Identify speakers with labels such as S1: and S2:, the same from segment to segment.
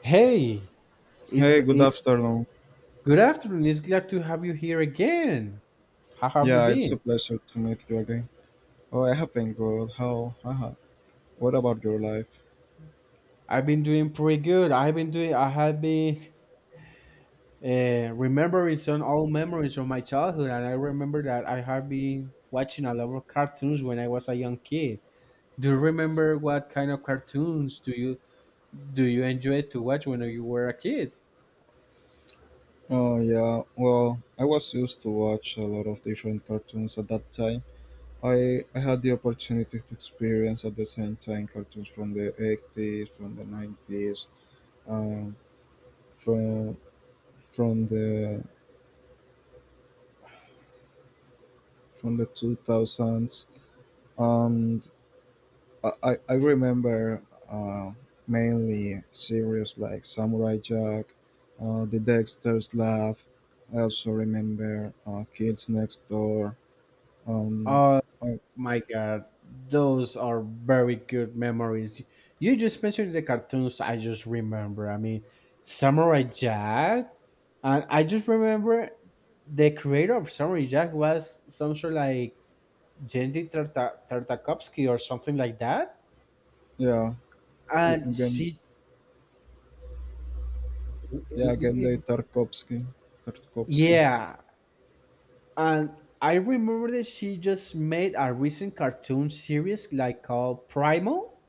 S1: Hey, it's,
S2: Hey, good
S1: eh,
S2: afternoon.
S1: good afternoon. It's glad to have you here again. How have you
S2: Yeah, it's
S1: been?
S2: a pleasure to meet you again. Oh, I have been good. How? Haha. What about your life?
S1: I've been doing pretty good. I've been doing. I have been remembering some old memories of my childhood, and I remember that I have been watching a lot of cartoons when I was a young kid. Do you remember what kind of cartoons do you enjoy to watch when you were a kid?
S2: Oh, yeah. Well, I was used to watch a lot of different cartoons at that time. I had the opportunity to experience at the same time cartoons from the 80s, from the 90s, um, from from the from the 2000s. And. I remember uh, mainly series like Samurai Jack, The Dexter's Lab. I also remember Kids Next Door. Um,
S1: Uh,
S2: uh,
S1: My God, those are very good memories. You just mentioned the cartoons I just remember. I mean, Samurai Jack, and I just remember the creator of Samurai Jack was some sort of like Tartakovsky or something like that.
S2: yeah. G-
S1: And
S2: Gen,
S1: she,
S2: yeah,
S1: it-
S2: Genndy
S1: it-
S2: Tarkovsky. Tarkovsky.
S1: yeah, and I remember that she just made a recent cartoon series like called Primal,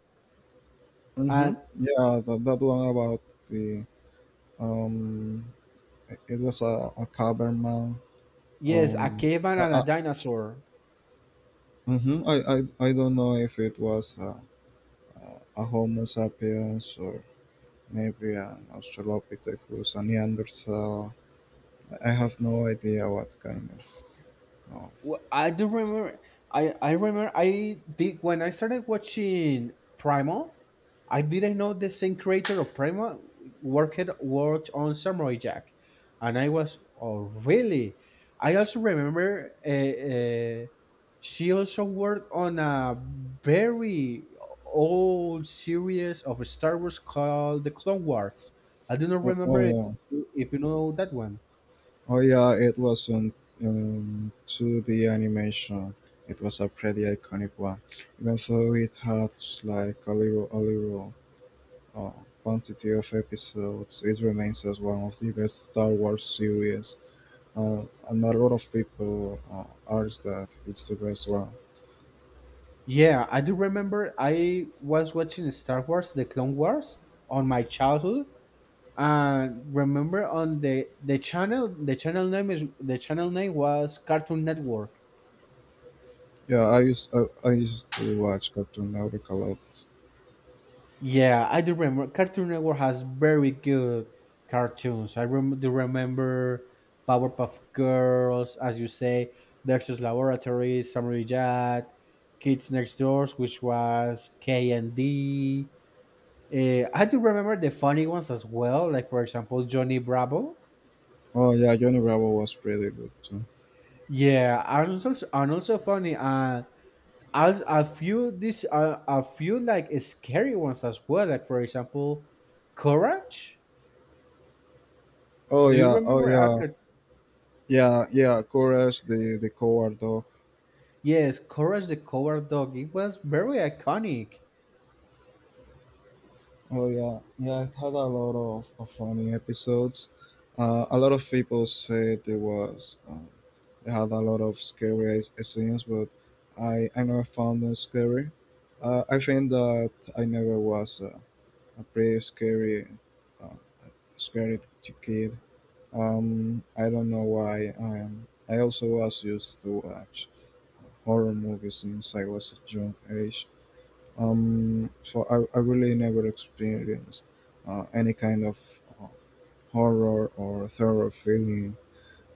S2: Mm-hmm.
S1: and
S2: Yeah, that one about the um, it was a caberman.
S1: yes, a
S2: Um,
S1: caveman and a
S2: I,
S1: dinosaur.
S2: mhm, I don't know if it was a Homo sapiens, or maybe an Australopithecus, a Neanderthal. I have no idea what kind of.
S1: Well, I do remember. I remember. I did when I started watching Primal. I didn't know the same creator of Primal worked on Samurai Jack, and I was oh really. I also remember. She also worked on a very old series of Star Wars called The Clone Wars. I do not
S2: oh, oh,
S1: remember
S2: oh
S1: if you know that one.
S2: oh, yeah, it was on 2D animation. It was a pretty iconic one, even though it had like a little uh, quantity of episodes. It remains as one of the best Star Wars series, uh, and a lot of people argue that it's the best one.
S1: Yeah, I do remember I was watching Star Wars, The Clone Wars, on my childhood. And remember on the channel name is the channel name was Cartoon Network.
S2: Yeah, I used to watch Cartoon Network a lot.
S1: Yeah, I do remember Cartoon Network has very good cartoons. Do remember Powerpuff Girls, as you say, Dexter's Laboratory, Samurai Jack, Kids Next Doors, which was K and D. I do remember the funny ones as well, like for example Johnny Bravo.
S2: Oh, yeah, Johnny Bravo was pretty good too.
S1: Yeah, are also funny. As a few this a few like scary ones as well, like for example Courage.
S2: Oh,
S1: Do you
S2: yeah. Oh,
S1: remember?
S2: yeah, yeah, yeah. Courage, the coward dog.
S1: Yes, Courage the Coward Dog. It was very iconic.
S2: Oh, yeah, yeah. I've had a lot of funny episodes. A lot of people said it was they had a lot of scary scenes, but I never found them scary. I think that I never was a pretty uh, scary kid. I don't know why. I also was used to watch horror movies since I was a young age. So I really never experienced any kind of horror or terror feeling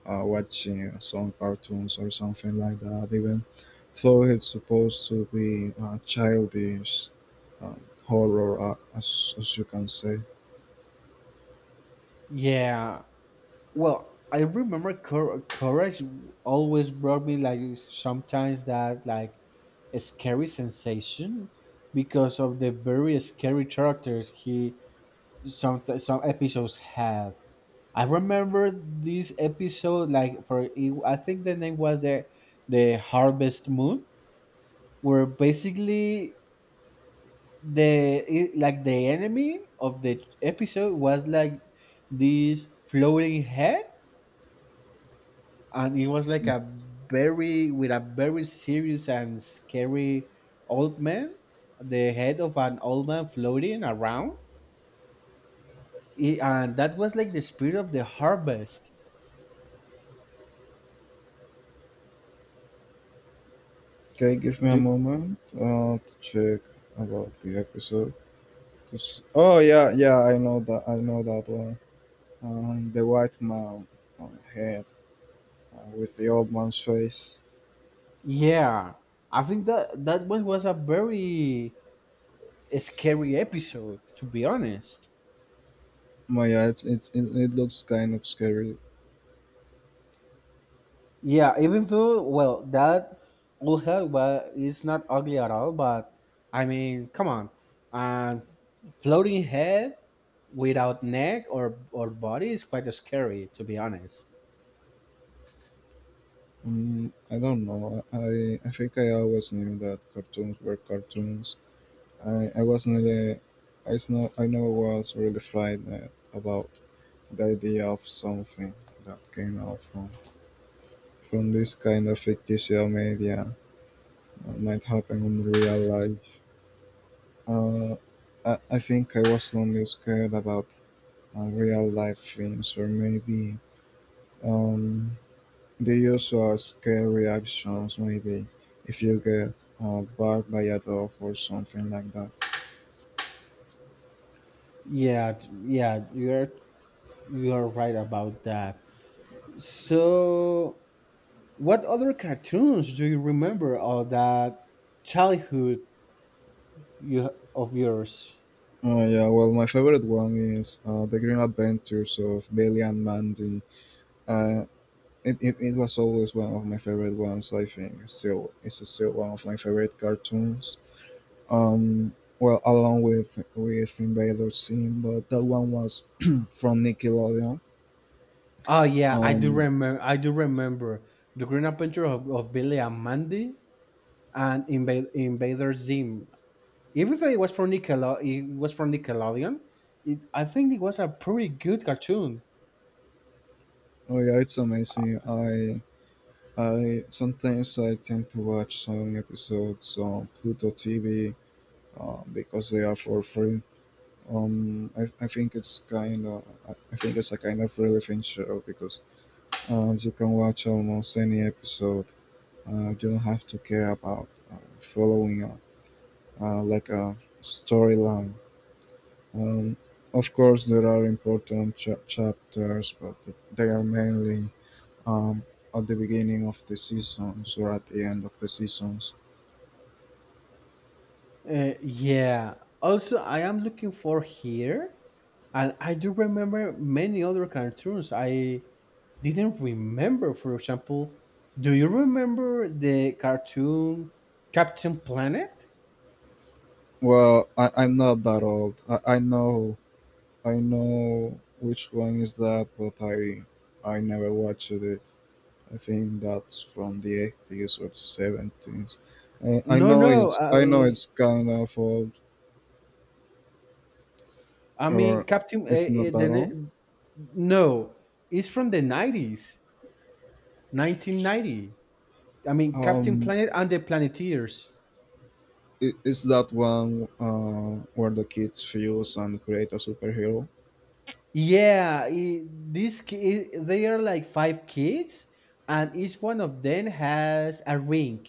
S2: watching some cartoons or something like that, even though it's supposed to be childish uh, horror, as you can say.
S1: Yeah, well, I remember courage always brought me like sometimes that like a scary sensation because of the very scary characters he some episodes had. I remember this episode like for it, I think the name was the Harvest Moon, where basically like the enemy of the episode was like this floating head and it was like a very with a very serious and scary old man, the head of an old man floating around. And that was like the spirit of the harvest.
S2: Okay, give me a
S1: Do,
S2: moment to check about the episode. Just, oh, yeah, yeah, I know that one. The white man on head with the old man's face.
S1: yeah, I think that that one was a very scary episode, to be honest.
S2: But yeah, it looks kind of scary.
S1: Yeah, even though, well, that will help, but it's not ugly at all. But I mean, come on, and floating head without neck or body is quite scary, to be honest.
S2: I don't know. I think I always knew that cartoons were cartoons. I wasn't really, I never was really frightened about the idea of something that came out from this kind of fictitious media that might happen in real life. Uh, I think I was only scared about real life films, or maybe um, they use scare reactions maybe if you get barked by a dog or something like that.
S1: Yeah, you're right about that. So, what other cartoons do you remember of that childhood you of yours?
S2: Yeah, well, my favorite one is The Green Adventures of Billy and Mandy. Uh, it was always one of my favorite ones, I think. Still, it's still one of my favorite cartoons. Well, along with Invader Sim, but that one was from Nickelodeon.
S1: Oh yeah, I do
S2: Um,
S1: remember. I do remember the Green Adventure of Billy and Mandy, and Invader Zim. Even though it was from it was from Nickelodeon, I think it was a pretty good cartoon.
S2: Oh, yeah, it's amazing. I sometimes I tend to watch some episodes on Pluto TV because they are for free. I think it's kind of I think it's a kind of relevant show, because you can watch almost any episode. You don't have to care about following like a storyline. Um, of course, there are important chapters, but they are mainly um, at the beginning of the seasons or at the end of the seasons.
S1: Yeah. Also, I am looking for here, and I do remember many other cartoons I didn't remember. For example, do you remember the cartoon Captain Planet?
S2: Well, I'm not that old. I know which one is that, but I never watched it. I think that's from the 80s or 70s. I, I
S1: No,
S2: know
S1: no.
S2: it's I know it's kind of old,
S1: I mean
S2: or
S1: Captain.
S2: it's not that old.
S1: No, it's from the nineties, 1990. I mean, Captain
S2: Um,
S1: Planet and the Planeteers.
S2: it's that one where the kids fuse and create a superhero.
S1: Yeah, these they are like 5 kids, and each one of them has a ring.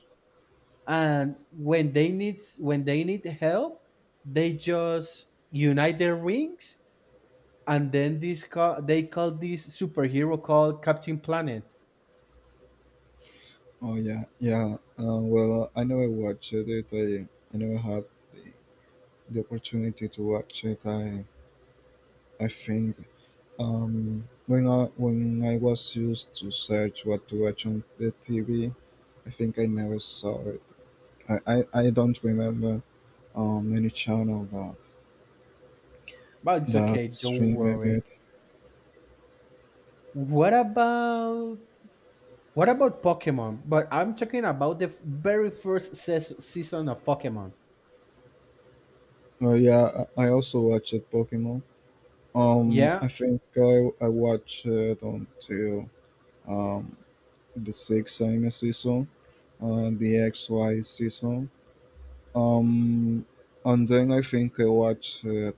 S1: And when they need help, they just unite their rings, and then they call this superhero called Captain Planet.
S2: Oh, yeah, yeah. Well, I never watched it. I never had the, the opportunity to watch it. I think when I was used to search what to watch on the TV, I think I never saw it. I don't remember any channel that
S1: But it's
S2: that
S1: okay, don't
S2: streamed
S1: worry.
S2: it.
S1: What about what about Pokemon? But I'm talking about the very first season of Pokemon.
S2: Oh, yeah, I also watched Pokemon.
S1: Yeah,
S2: I think I watched it until um the sixth anime season, the XY season. Um, and then I think I watched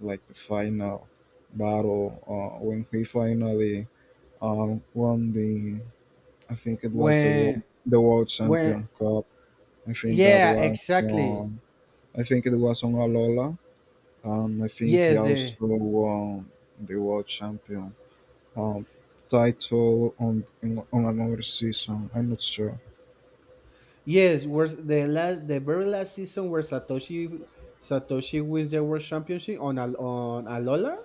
S2: like the final battle when he finally won I think it was the
S1: when
S2: world, the world
S1: when
S2: champion cup. I think that
S1: yeah
S2: was,
S1: exactly,
S2: I think it was on Alola, and I think he
S1: yes the
S2: also won the world champion um, title on another season. I'm not sure.
S1: yes, was the very last season where Satoshi wins the world championship on on alola,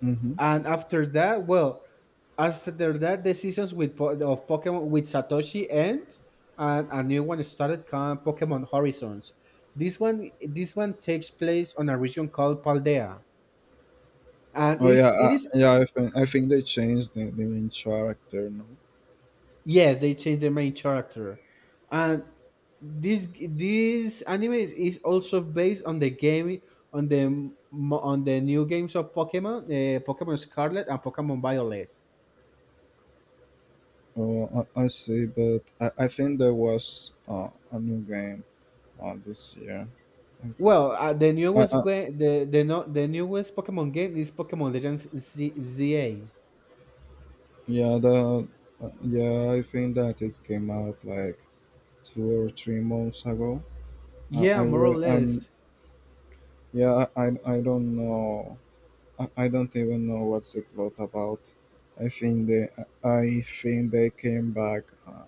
S2: Hmm.
S1: and after that, well, after that the seasons of Pokemon with Satoshi ends, and a new one started called Pokemon Horizons. This one takes place on a region called Paldea, and
S2: Oh, yeah.
S1: it is—
S2: Yeah. I think they changed the main character. No.
S1: Yes, they change the main character, and this anime is also based on the game, on on the new games of Pokemon, Pokemon Scarlet and Pokemon Violet.
S2: Oh, I see. But I think there was a new game this year.
S1: Well, the
S2: I,
S1: newest
S2: I,
S1: game, the no, the newest Pokemon game is Pokemon Legends ZA.
S2: yeah, the yeah. I think that it came out like 2 or 3 months ago.
S1: Yeah,
S2: I
S1: more or
S2: re- I'm
S1: less.
S2: Yeah. I don't know. I don't even know what's the plot about. I think they I think they came back.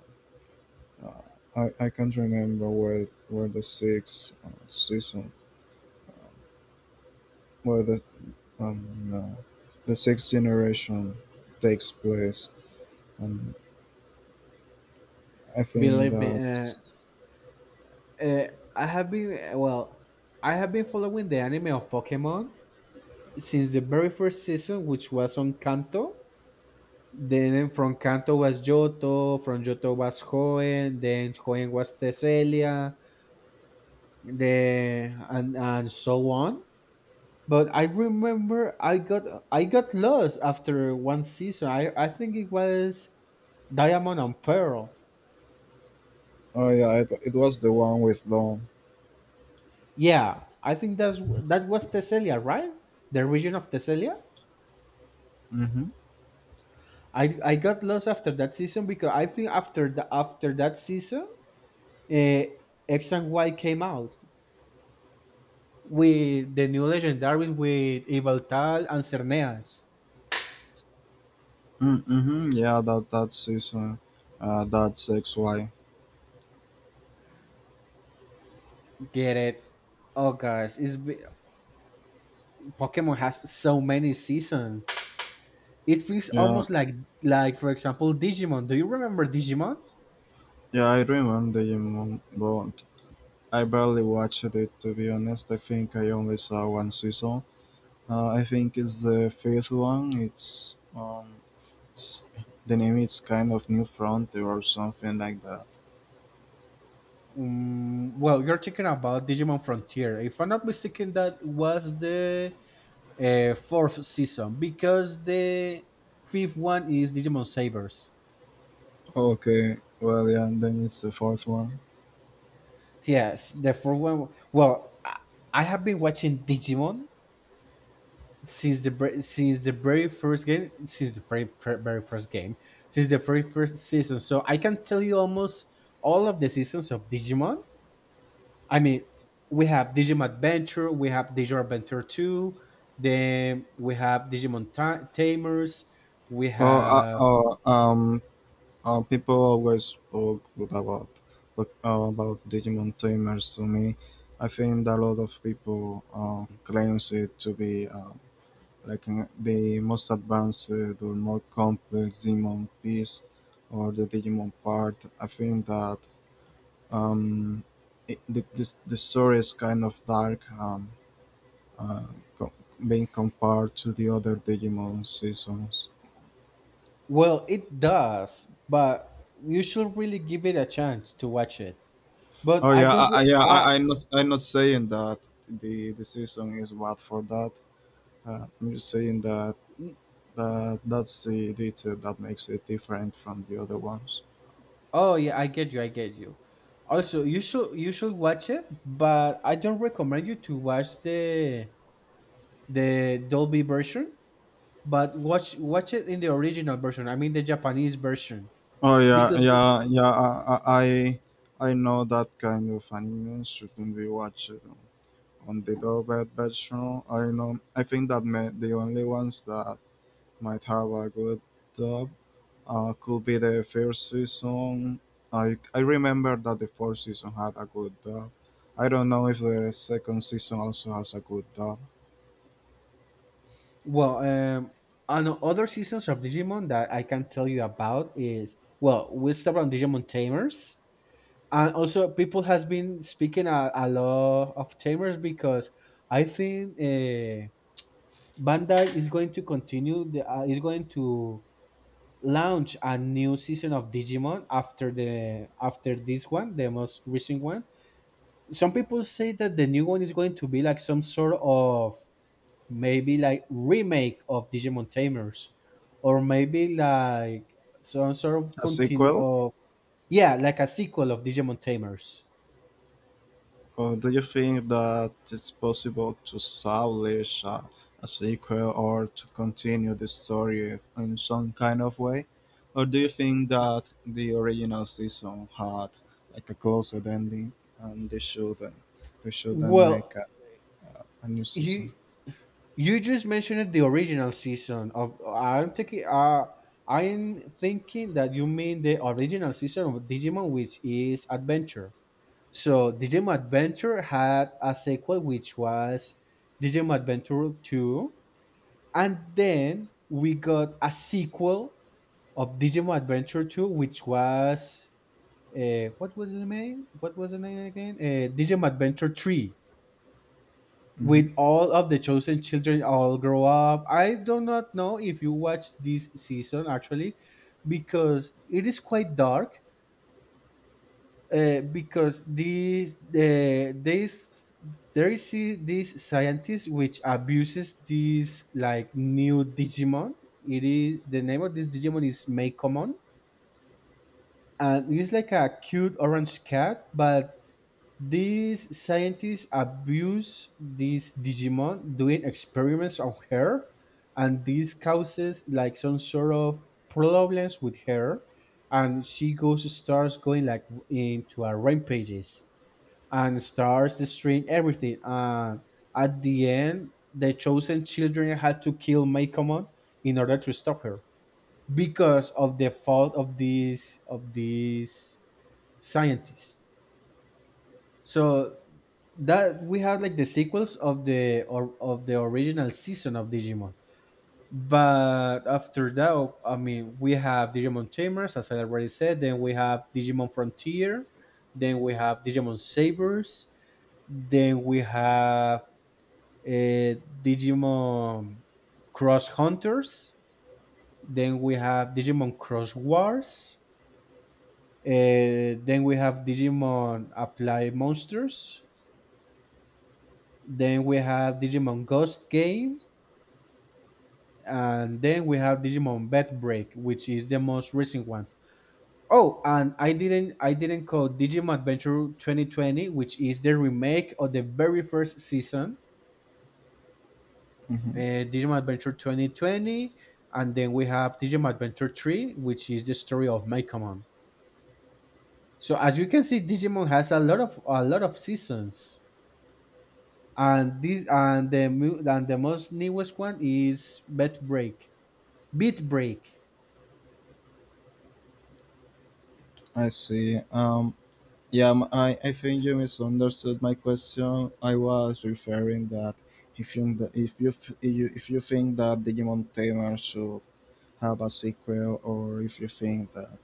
S2: Uh, I can't remember where the sixth season, where um, uh, the sixth generation takes place, and I think
S1: Believe me,
S2: that.
S1: uh, I have been well, I have been following the anime of Pokemon since the very first season, which was on Kanto. Then from Kanto was Johto, from Johto was Hoenn, then Hoenn was Tesselia, the and so on. But I remember I got lost after one season. I think it was Diamond and Pearl.
S2: Oh, yeah, it was the one with Dawn.
S1: Yeah, I think that's that was Tesselia, right? The region of Tesselia.
S2: Mm-hmm.
S1: I got lost after that season because I think after the after that season, uh, X and Y came out, with the new legendaries with Yveltal and Cerneas.
S2: Mm. Mm-hmm. Yeah, that season, that's XY.
S1: Get it? Oh gosh, Pokemon has so many seasons. It feels
S2: Yeah,
S1: almost like for example Digimon. Do you remember Digimon?
S2: yeah, I remember Digimon, but I barely watched it, to be honest. I think I only saw one season. I think it's the fifth one. S- the name is kind of New Frontier or something like that.
S1: Mm, well, you're talking about Digimon Frontier. If I'm not mistaken, that was the fourth season because the fifth one is Digimon Sabers.
S2: Okay, well, yeah, then it's the fourth one.
S1: Yes, the fourth one. Well, I have been watching Digimon since the very first game, since the very fir- very first game, since the very first season, so I can tell you almost all of the seasons of Digimon. I mean, we have Digimon Adventure, we have Digimon Adventure 2, then we have Tamers, we
S2: Oh, uh,
S1: have—
S2: oh, um, People always spoke good about Digimon Tamers to me. I think that a lot of people claims it to be like the most advanced or more complex Digimon piece, or the Digimon part. I think that um, the story is kind of dark. Uh, co- Being compared to the other Digimon seasons.
S1: well it does, but you should really give it a chance to watch it, but
S2: Oh,
S1: I
S2: yeah,
S1: don't re-
S2: yeah.
S1: I—
S2: I'm not. I'm not saying that the season is bad for that. I'm just saying that that's the detail that makes it different from the other ones.
S1: Oh yeah, I get you. I get you. Also, you should watch it, but I don't recommend you to watch the Dolby version. But watch it in the original version. I mean the Japanese version
S2: Oh, yeah,
S1: because it,
S2: yeah, yeah. I know that kind of anime shouldn't be watched on the dubbed version. I know. I think that the only ones that might have a good dub could be the first season. I remember that the fourth season had a good dub. I don't know if the second season also has a good dub.
S1: well, on other seasons of Digimon that I can tell you about is, well, we stopped on Digimon Tamers, and also people has been speaking a lot of Tamers because I think. Bandai is going to continue the is going to launch a new season of Digimon after the after this one, the most recent one. Some people say that the new one is going to be like some sort of maybe like remake of Digimon Tamers, or maybe like some sort of
S2: A
S1: continue
S2: sequel?
S1: of— yeah, like a sequel of Digimon Tamers.
S2: Or do you think that it's possible to establish a sequel, or to continue the story in some kind of way? Or do you think that the original season had like a closed ending, and they shouldn't
S1: Well,
S2: make a new season?
S1: you you just mentioned the original season of— I'm taking uh, I'm thinking that you mean the original season of Digimon, which is Adventure. So Digimon Adventure had a sequel which was Digimon Adventure 2, and then we got a sequel of Digimon Adventure 2, which was what was the name? What was the name again? Digimon Adventure 3,
S2: Hmm.
S1: with all of the chosen children all grow up. I do not know if you watch this season actually, because it is quite dark. Because these the this there is this scientist which abuses this like new Digimon. It is— the name of this Digimon is Meikomon, and it's like a cute orange cat, but these scientists abuse this Digimon doing experiments on her, and this causes like some sort of problems with her, and she goes starts going like into a rampages and starts destroying everything. And at the end, the chosen children had to kill Maykomon in order to stop her because of the fault of this scientist. So that we have like the sequels of the original season of Digimon. But after that, I mean, we have Digimon Tamers, as I already said. Then we have Digimon Frontier. Then we have Digimon Sabers. Then we have uh, Digimon Cross Hunters. Then we have Digimon Cross Wars. Then we have Digimon Apply Monsters. Then we have Digimon Ghost Game. And then we have Digimon Bet Break, which is the most recent one. Oh, and I didn't call Digimon Adventure 2020, which is the remake of the very first season, uh,
S2: Hmm.
S1: Digimon Adventure 2020, and then we have Digimon Adventure 3, which is the story of Mekamon. So as you can see, Digimon has a lot of seasons, and this and the mu- and the most newest one is Beat Break.
S2: I see. Yeah, I think you misunderstood my question. I was referring that if you think that Digimon Tamer should have a sequel, or if you think that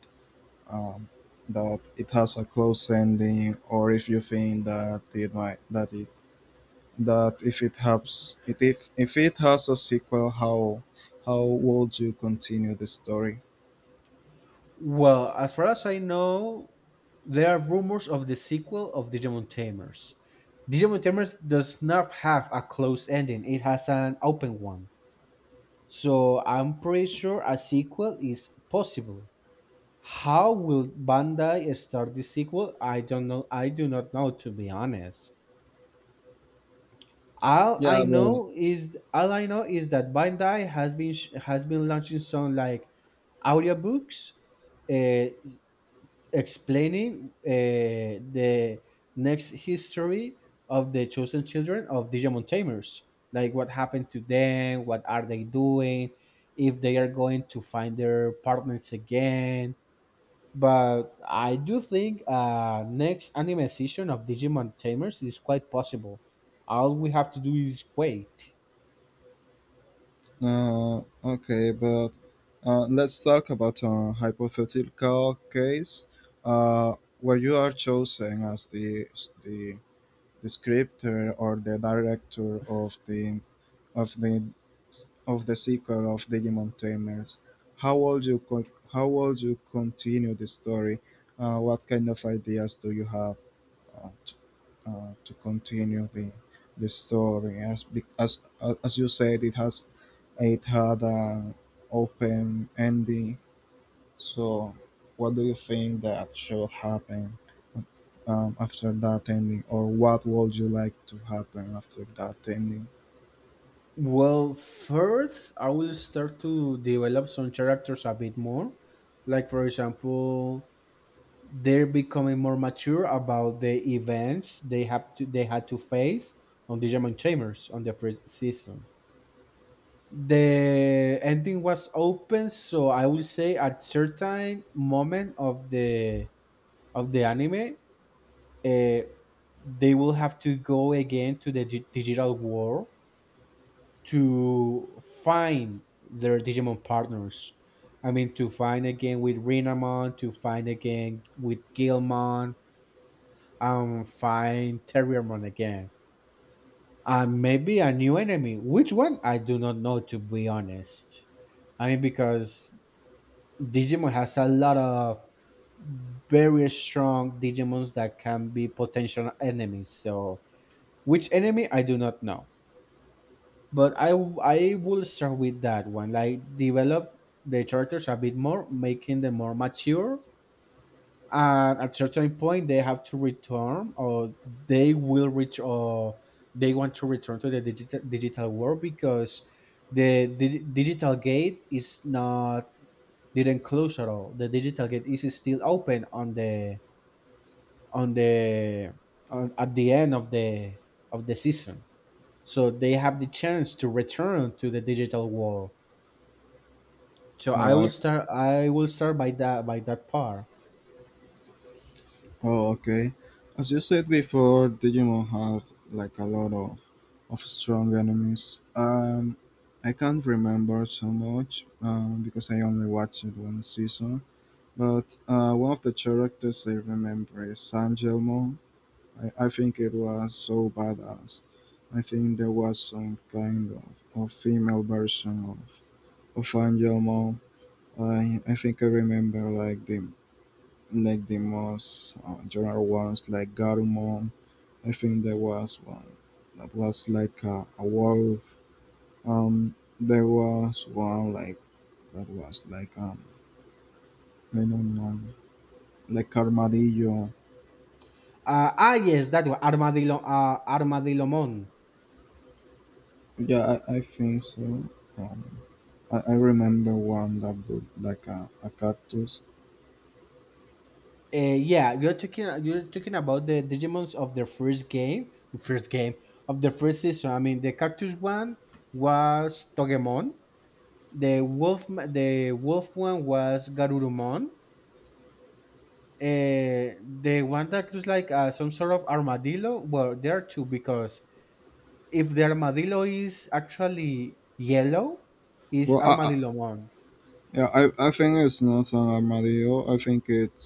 S2: um, that it has a close ending, or if you think that if it has it if it has a sequel, how would you continue the story?
S1: Well, as far as I know, there are rumors of the sequel of Digimon Tamers. Digimon Tamers does not have a closed ending, it has an open one. So I'm pretty sure a sequel is possible. How will Bandai start the sequel? I don't know. I do not know, to be honest. All I
S2: Yeah, but
S1: know is all I know is that Bandai has been has been launching some like audiobooks, uh, explaining the next history of the chosen children of Digimon Tamers. Like what happened to them, what are they doing, if they are going to find their partners again. But I do think next anime season of Digimon Tamers is quite possible. All we have to do is wait.
S2: Okay, but let's talk about a hypothetical case uh, where you are chosen as the, the scripter, or the director of of the the sequel of Digimon Tamers. How would you co- how would you continue the story? What kind of ideas do you have? Uh, to continue the story, as be- as you said, it had an open ending, so what do you think that should happen after that ending, or what would you like to happen after that ending?
S1: Well, first, I will start to develop some characters a bit more. Like, for example, they're becoming more mature about the events they had to face on the German Chambers on the first season. The ending was open, so I would say at certain moment of the anime, uh, they will have to go again to the digital world to find their Digimon partners. I mean, to find again with Renamon, to find again with Gilmon, and find Terriermon again. And maybe a new enemy. Which one? I do not know, to be honest. I mean, because Digimon has a lot of very strong Digimons that can be potential enemies. So, which enemy? I do not know. But I will start with that one. Like, develop the characters a bit more, making them more mature, and at certain point they have to return, or they will reach, or they want to return to the digital world because the di- digital gate is not didn't close at all. The digital gate is still open on on the at the end of the season, so they have the chance to return to the digital world. So i
S2: Oh,
S1: will
S2: I
S1: start i will start by that part.
S2: Oh, okay. As you said before, Digimon had like a lot of strong enemies. I can't remember so much because I only watched it one season. But one of the characters I remember is San. I think it was so badass. I think there was some kind of female version of Angelmo. I think I remember like the most general ones, like Garumon. I think there was one that was like a wolf. There was one like that was like, I don't know, like armadillo.
S1: Ah, yes, that one, armadillo, armadillo mon
S2: Yeah, I think so. Um, I remember one that looked like a cactus.
S1: Yeah, you're talking about the Digimon's of the first game of the first season. I mean, the cactus one was Togemon, the the wolf one was Garurumon, the one that looks like some sort of armadillo. Well, there are two because if the armadillo is actually yellow, is
S2: Well,
S1: Armadillomon.
S2: yeah, I think it's not an armadillo. I think it's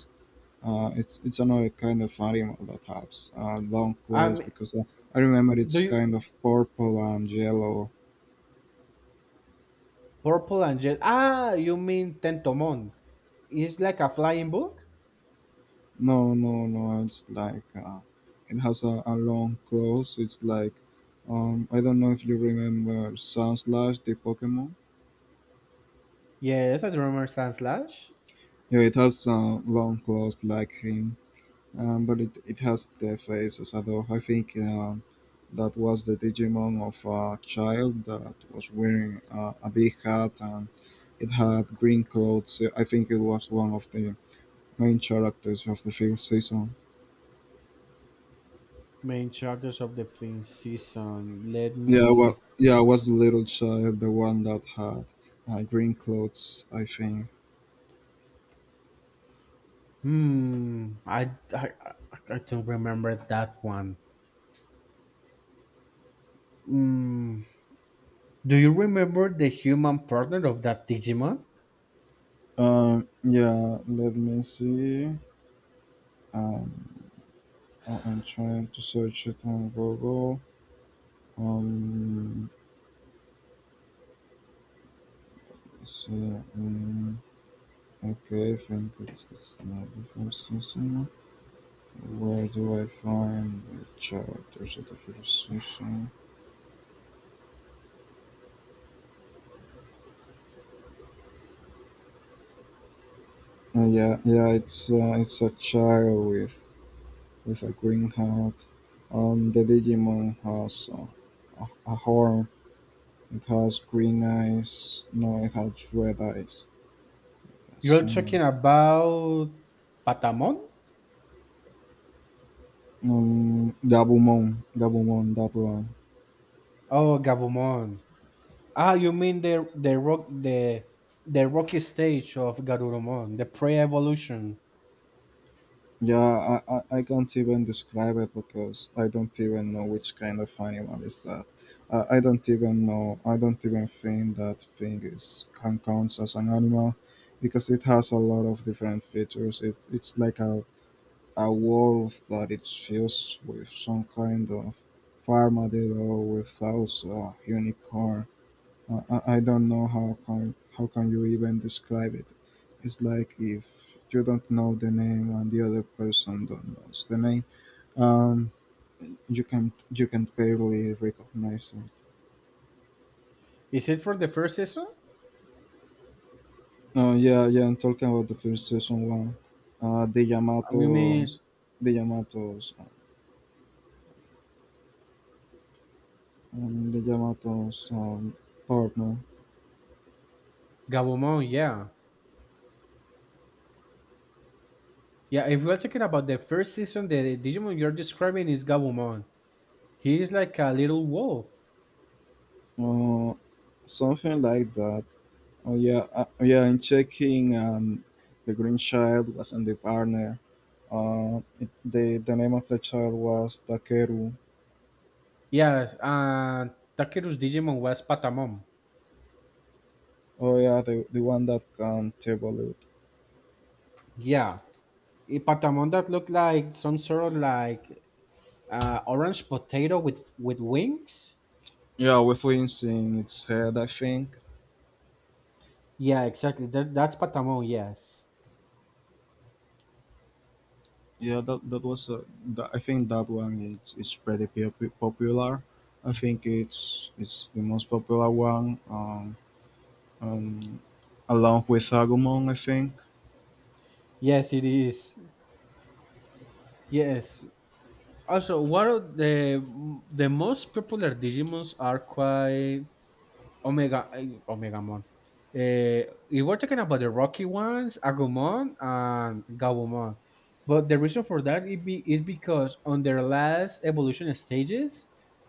S2: Another kind of animal that has long claws,
S1: Um,
S2: because I remember it's
S1: do you
S2: kind of purple and yellow.
S1: purple and jet? Ah, you mean Tentomon? It's like a flying book.
S2: No, no, no. It's like it has a long claws. It's like I don't know if you remember Sunslash, the Pokemon.
S1: Yes, a drummer Stan Slash,
S2: Yeah, it has long claws like him. But it has their faces. Although I think that was the Digimon of a child that was wearing a big hat, and it had green clothes. I think it was one of the main characters of the fifth season.
S1: main characters of the fifth season. Let
S2: Yeah, well,
S1: me.
S2: yeah, it was the little child, the one that had green clothes, I think.
S1: Hmm. I don't remember that one. Hmm. Do you remember the human partner of that Digimon?
S2: Yeah, let me see. Um, I'm trying to search it on Google. Um, So, okay, I think it's not the first season. Where do I find the characters of the first season? Yeah, yeah, it's a child with a green hat. The Digimon has a horn. It has green eyes. No, it has red eyes.
S1: You're talking
S2: So,
S1: about Patamon?
S2: Gabumon, that one.
S1: Oh, Gabumon. Ah, you mean the the rocky stage of Garurumon, the pre-evolution.
S2: Yeah, I can't even describe it, because I don't even know which kind of animal is that. I don't even know. I don't even think that thing is can counts as an animal, because it has a lot of different features. It's like a wolf that it fused with some kind of armadillo with also a unicorn. I don't know how can you even describe it. It's like if you don't know the name and the other person don't knows the name. Um, you can barely recognize it.
S1: Is it for the first season?
S2: Yeah, yeah. I'm talking about the first season one. Uh, the
S1: You mean
S2: Yamato's the Yamato's the Yamato's partner.
S1: Gabumon? Yeah. Yeah, if we're talking about the first season, the Digimon you're describing is Gabumon. He is like a little wolf.
S2: Uh, Something like that. Oh, yeah. Oh, yeah. I'm checking. The green child was in the partner. It, the name of the child was Takeru.
S1: Yes, and Takeru's Digimon was Patamon.
S2: Oh, yeah, the one that can evolve.
S1: Yeah, a Patamon that looked like some sort of like orange potato with wings.
S2: Yeah, with wings in its head, I think.
S1: Yeah, exactly. That's Patamon. Yes,
S2: Yeah, that was. I think that one is pretty popular. I think it's the most popular one. Um Along with Agumon, I think.
S1: yes, it is. Yes. Also, one of the most popular Digimons are quite Omega, Omega Mon. If we're talking about the rocky ones, Agumon and Gabumon. But the reason for is because on their last evolution stages,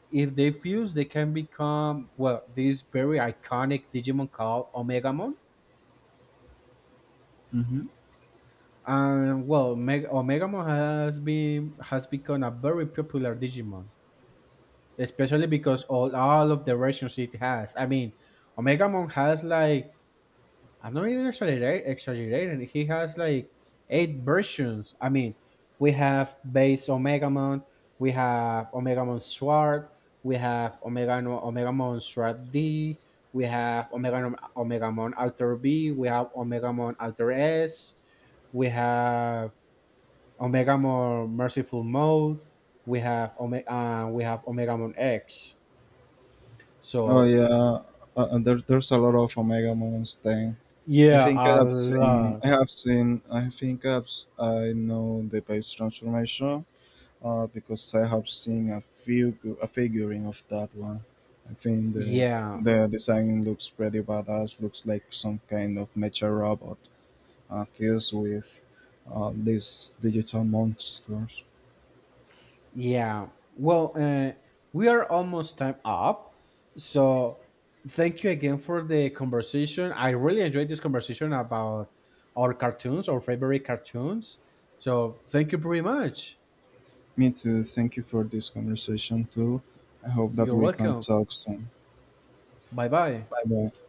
S1: if they fuse, they can become well this very iconic Digimon called Omegamon.
S2: Hmm.
S1: And well, Omegamon has been has become a very popular Digimon, especially because all of the versions it has. I mean, Omegamon has like, I'm not even exaggerating. He has like 8 versions. I mean, we have base Omega Mon, we have Omega Mon Sword, we have Omega no, Omega Mon Sword D, we have Omega no, Omega Mon Alter B, we have Omega Mon Alter S, we have Omega Mon Merciful Mode, we have we have Omega Mon X.
S2: Oh,
S1: So
S2: yeah.
S1: y-
S2: There's a lot of Omega Moons thing. I
S1: yeah,
S2: think I
S1: a
S2: have seen.
S1: lot.
S2: I have seen. I think I have, s- I know the base transformation. Because I have seen a figuring of that one. I think the
S1: Yeah.
S2: the design looks pretty badass. Looks like some kind of mecha robot fused with these digital monsters.
S1: Yeah. Well, we are almost time up. So thank you again for the conversation. I really enjoyed this conversation about our favorite cartoons. So thank you very much.
S2: Me too. Thank you for this conversation too. I hope that
S1: You're
S2: we can
S1: welcome.
S2: talk soon.
S1: Bye bye.
S2: Bye bye.